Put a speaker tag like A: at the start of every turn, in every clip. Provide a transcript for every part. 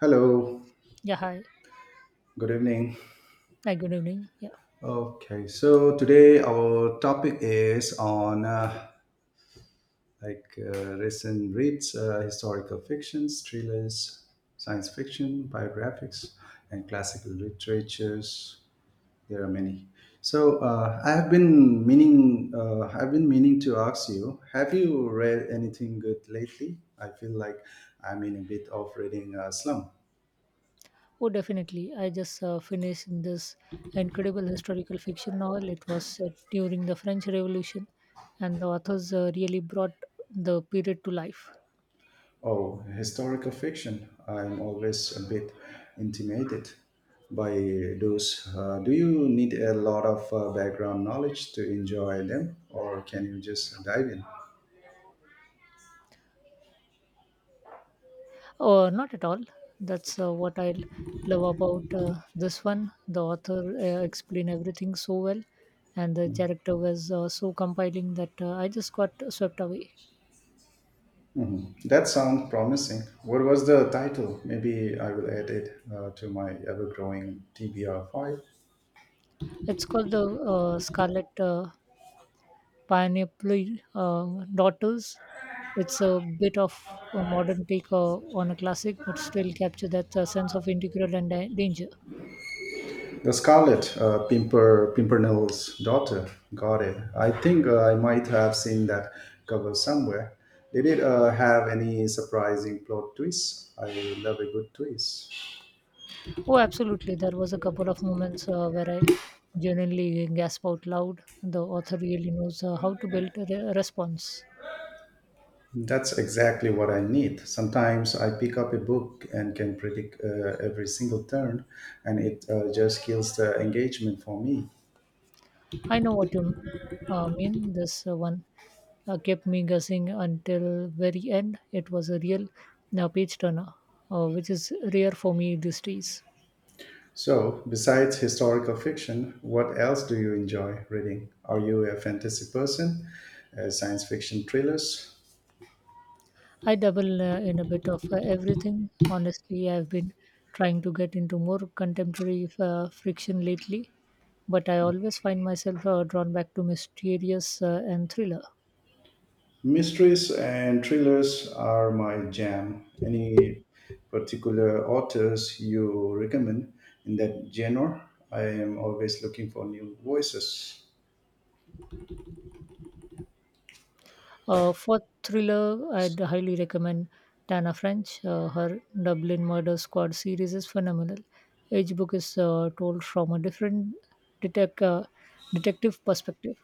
A: Hello,
B: Yeah, hi.
A: good evening.
B: Hi, good evening. Yeah.
A: Okay, so today our topic is on recent reads, historical fictions, thrillers, science fiction, biographics, and classical literatures. There are many. So I have been I've been meaning to ask you: Have you read anything good lately? I feel like I'm in a bit of reading slump.
B: Oh, definitely. I just finished this incredible historical fiction novel. It was set during the French Revolution, and the authors really brought the period to life.
A: Oh, historical fiction. I'm always a bit intimidated by those. Do you need a lot of background knowledge to enjoy them, or can you just dive in?
B: Oh, not at all. That's what I love about this one. The author explained everything so well, and the character was so compelling that I just got swept away.
A: Mhm. That sounds promising. What was the title? Maybe I will add it to my ever growing TBR
B: It's called the Scarlet Pineapple Daughters. It's a bit of a
A: file.
B: modern take on a classic, but still capture that sense of integral and danger.
A: The Scarlet Pimpernel's Daughter. Got it. I think I might have seen that cover somewhere. Did it have any surprising plot twists? I love a good twist.
B: Oh, absolutely. There was a couple of moments where I genuinely gasped out loud. The author really knows how to build a response.
A: That's exactly what I need. Sometimes I pick up a book and can predict every single turn, and it just kills the engagement for me.
B: I know what you mean. This one kept me guessing until very end. It was a real page turner, which is rare for me these days.
A: So, besides historical fiction, what else do you enjoy reading? Are you a fantasy person? Science fiction thrillers?
B: I dabble in a bit of everything. Honestly, I've been trying to get into more contemporary friction lately, but I always find myself drawn back to mysterious and thriller.
A: Mysteries and thrillers are my jam. Any particular authors you recommend in that genre? I am always looking for new voices.
B: For thriller, I'd highly recommend Tana French. Her Dublin Murder Squad series is phenomenal. Each book is told from a different detec- uh, detective perspective.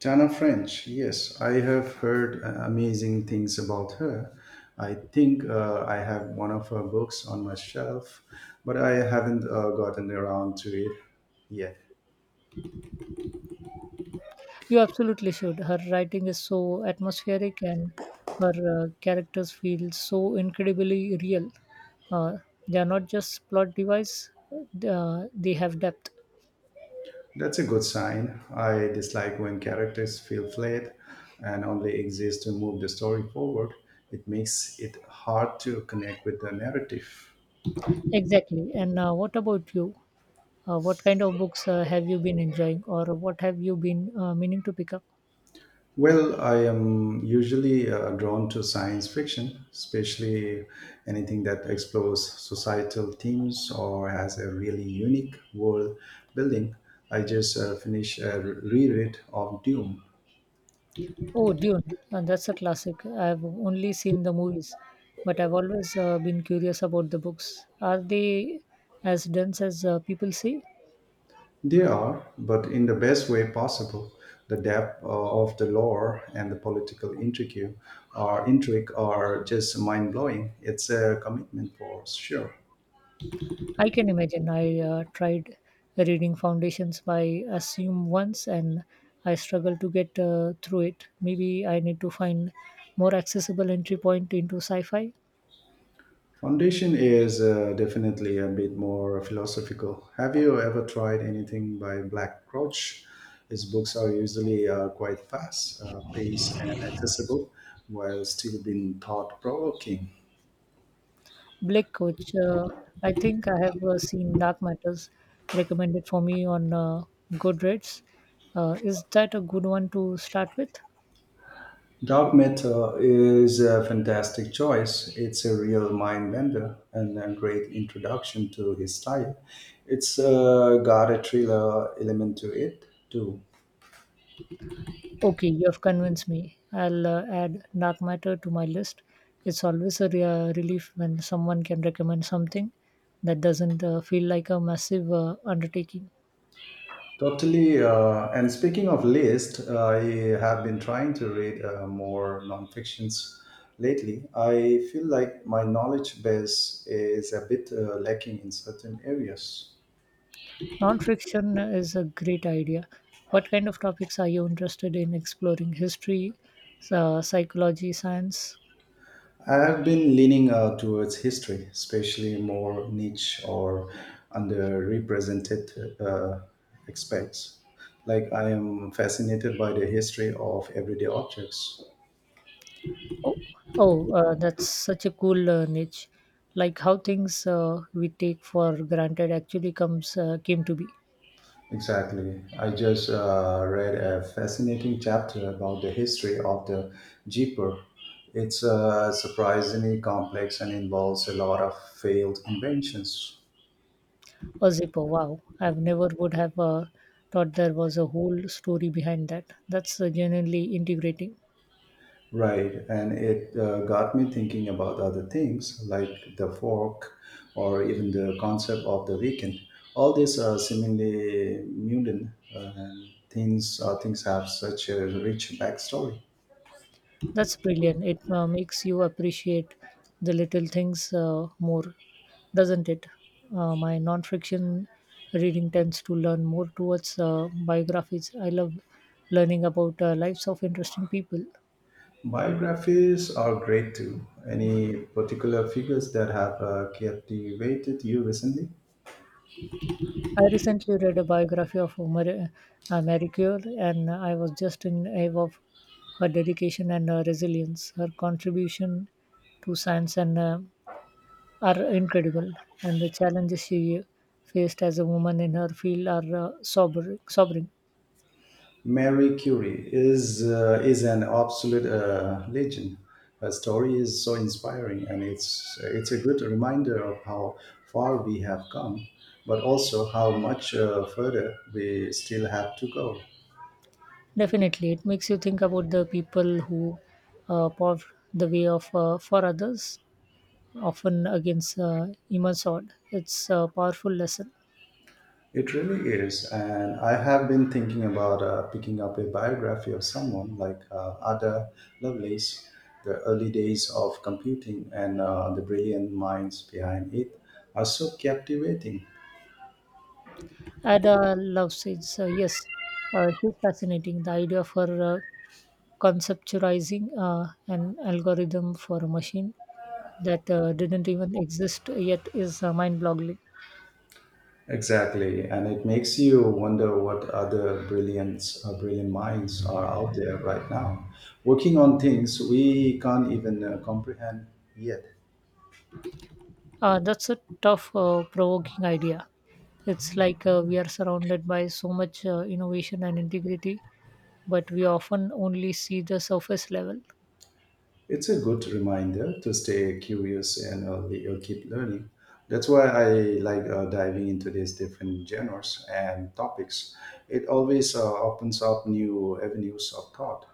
A: Tana French, yes, I have heard amazing things about her. I think I have one of her books on my shelf, but I haven't gotten around to it yet.
B: You absolutely should. Her writing is so atmospheric and her characters feel so incredibly real. Uh, they are not just plot device, they have depth.
A: That's a good sign. I dislike when characters feel flat and only exist to move the story forward. It makes it hard to connect with the narrative.
B: Exactly. And what about you? What kind of books have you been enjoying or what have you been meaning to pick up?
A: Well, I am usually drawn to science fiction, especially anything that explores societal themes or has a really unique world building. I just finished a reread of Dune.
B: Oh, Dune. That's a classic. I've only seen the movies, but I've always been curious about the books. Are they as dense as people say?
A: They are, but in the best way possible. The depth of the lore and the political intrigue are just mind blowing. It's a commitment for sure.
B: I can imagine. I tried reading Foundations by Assume once and I struggled to get through it. Maybe I need to find more accessible entry point into sci fi.
A: Foundation is definitely a bit more philosophical. Have you ever tried anything by Black Crouch? His books are usually quite fast, paced, and accessible, while still being thought provoking.
B: Blake Coach, I think I have seen Dark Matters recommended for me on Goodreads. Is that a good one to start with?
A: Dark Matter is a fantastic choice. It's a real mind bender and a great introduction to his style. It's got a thriller element to it too.
B: Okay, you have convinced me. I'll add Dark Matter to my list. It's always a relief when someone can recommend something that doesn't feel like a massive undertaking.
A: Totally. And speaking of list, I have been trying to read more nonfictions lately. I feel like my knowledge base is a bit lacking in certain areas.
B: Non-fiction is a great idea. What kind of topics are you interested in exploring? History, psychology, science?
A: I have been leaning towards history, especially more niche or underrepresented aspects. Like I am fascinated by the history of everyday objects.
B: Oh, oh, that's such a cool niche. Like how things we take for granted actually comes came to be.
A: Exactly. I just read a fascinating chapter about the history of the Jeeper. It's surprisingly complex and involves a lot of failed inventions.
B: A zipper. Wow. I've never would have thought there was a whole story behind that. That's genuinely integrating.
A: Right, and it got me thinking about other things like the fork or even the concept of the weekend. All these are seemingly mundane things have such a rich backstory.
B: That's brilliant. It makes you appreciate the little things more, doesn't it? My non-fiction reading tends to learn more towards biographies. I love learning about lives of interesting people.
A: Biographies are great too. Any particular figures that have captivated you recently?
B: I recently read a biography of Marie Curie, and I was just in awe of her dedication and resilience. Her contribution to science and are incredible, and the challenges she faced as a woman in her field are sobering. Sobering,
A: Mary Curie is an absolute legend. Her story is so inspiring, and it's a good reminder of how far we have come, but also how much further we still have to go.
B: definitely. It makes you think about the people who pave the way of for others, often against immense odds. It's a powerful lesson.
A: It really is, and I have been thinking about picking up a biography of someone like Ada Lovelace, the early days of computing and the brilliant minds behind it are so captivating.
B: Ada Love says, yes, she's fascinating. The idea for conceptualizing an algorithm for a machine that didn't even exist yet is mind-boggling.
A: Exactly, and it makes you wonder what other brilliant minds are out there right now, working on things we can't even comprehend yet.
B: That's a tough, provoking idea. It's like we are surrounded by so much innovation and integrity, but we often only see the surface level.
A: It's a good reminder to stay curious and keep learning. That's why I like diving into these different genres and topics. It always opens up new avenues of thought.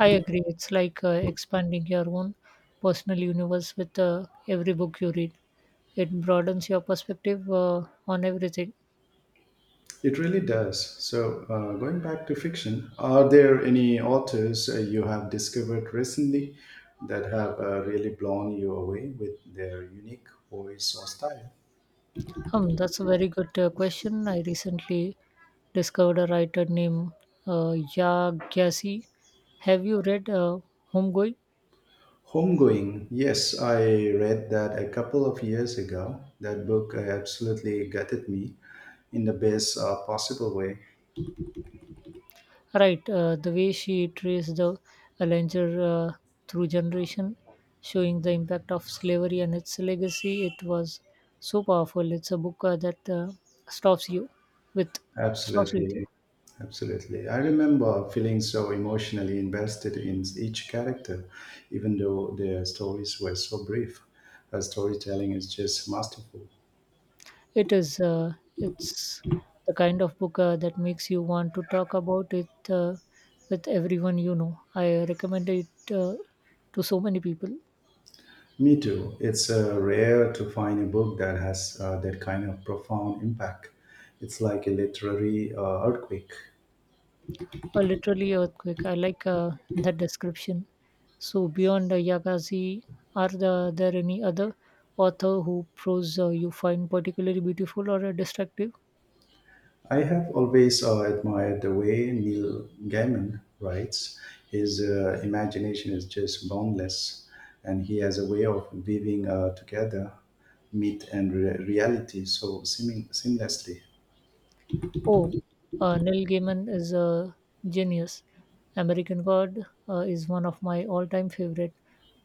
B: I agree. It's like expanding your own personal universe with every book you read. It broadens your perspective on everything.
A: It really does. So, going back to fiction, are there any authors you have discovered recently that have really blown you away with their unique voice or style?
B: That's a very good question. I recently discovered a writer named Ya Have you read Homegoing?
A: Homegoing, yes, I read that a couple of years ago. That book absolutely gutted me in the best possible way.
B: Right, the way she traced the Allenger through generation, showing the impact of slavery and its legacy, it was so powerful. It's a book that stops you with stops with you.
A: Absolutely. Absolutely. I remember feeling so emotionally invested in each character, even though their stories were so brief. Her storytelling is just masterful.
B: It is it's the kind of book that makes you want to talk about it with everyone you know. I recommend it to so many people.
A: Me too. It's rare to find a book that has that kind of profound impact. It's like a literary earthquake.
B: Or literally earthquake. I like that description. So beyond Yagazi, are there any other author who prose you find particularly beautiful or destructive?
A: I have always admired the way Neil Gaiman writes. His imagination is just boundless, and he has a way of weaving together myth and reality so seeming seamlessly.
B: Oh, Neil Gaiman is a genius. American God is one of my all-time favorite.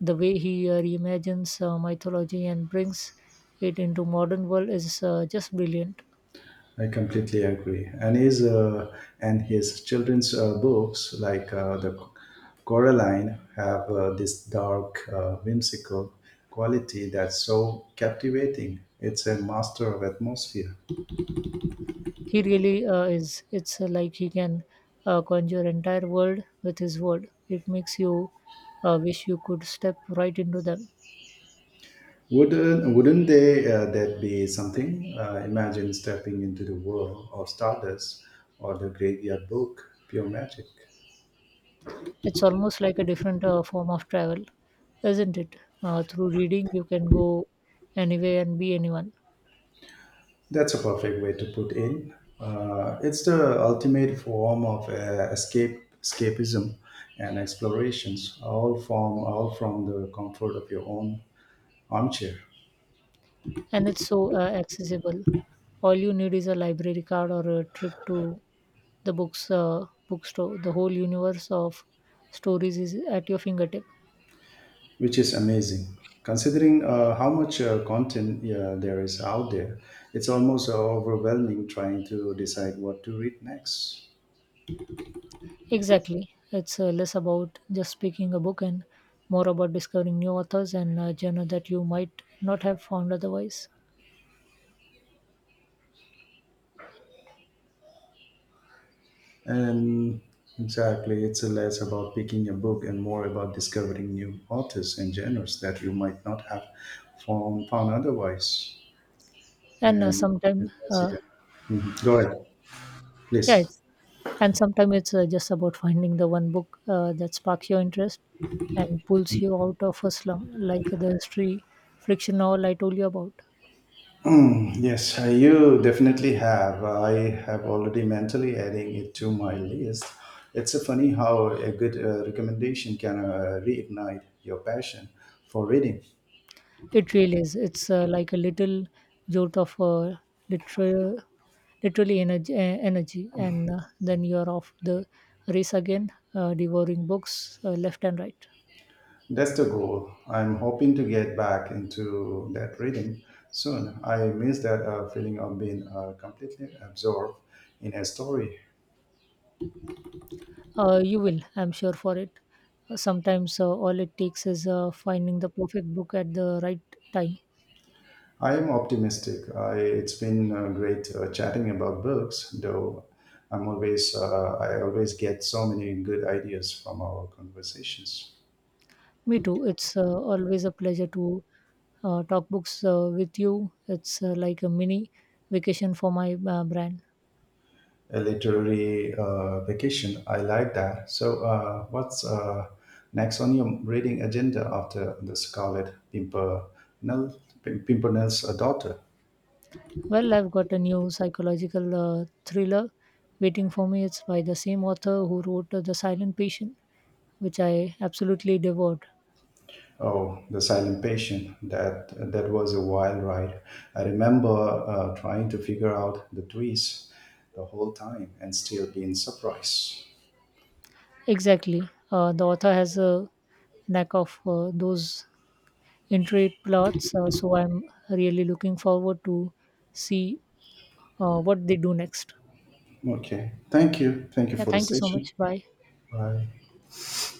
B: The way he reimagines mythology and brings it into modern world is just brilliant.
A: I completely agree. And his children's books like the Coraline have this dark, whimsical quality that's so captivating. It's a master of atmosphere.
B: He really is. It's like he can conjure entire world with his word. It makes you wish you could step right into them.
A: Wouldn't they that be something? Imagine stepping into the world of Stardust or the Graveyard Book, pure magic.
B: It's almost like a different form of travel, isn't it? Through reading, you can go anywhere and be anyone,
A: That's a perfect way to put in. It's the ultimate form of escapism, and explorations, all from the comfort of your own armchair,
B: and it's so accessible. All you need is a library card or a trip to the bookstore. The whole universe of stories is at your fingertips.
A: which is amazing. Considering how much content there is out there, it's almost overwhelming trying to decide what to read next.
B: Exactly. It's less about just picking a book and more about discovering new authors and genre that you might not have found otherwise.
A: And Exactly, it's less about picking a book and more about discovering new authors and genres that you might not have found otherwise.
B: And uh,
A: And it
B: sometimes,
A: was,
B: uh,
A: yeah. Mhm. Go ahead,
B: yeah,
A: please.
B: it's, and sometimes it's just about finding the one book that sparks your interest and pulls you out of a slump, like the history friction novel I told you about.
A: Mm, yes, you definitely have. I have already mentally adding it to my list. It's a funny how a good recommendation can reignite your passion for reading.
B: It really is. It's like a little jolt of literal, literally energy, energy, and then you're off the race again, devouring books left and right.
A: That's the goal. I'm hoping to get back into that rhythm soon. I miss that feeling of being completely absorbed in a story.
B: You will, I'm sure, for it. Sometimes all it takes is finding the perfect book at the right time.
A: I am optimistic. It's been great chatting about books, though. I always get so many good ideas from our conversations.
B: Me too. It's always a pleasure to talk books with you. It's like a mini vacation for my brand.
A: A literary vacation. I like that. So, what's next on your reading agenda after the Scarlet Pimpernel's daughter?
B: Well, I've got a new psychological thriller waiting for me. It's by the same author who wrote The Silent Patient, which I absolutely devoured.
A: Oh, the silent patient. That was a wild ride. I remember trying to figure out the twist the whole time and still being surprised.
B: Exactly. The author has a knack of those intricate plots, so I'm really looking forward to see what they do next.
A: Okay, thank you. Thank you
B: Yeah,
A: for the
B: thank you so
A: session.
B: much. Bye.
A: Bye.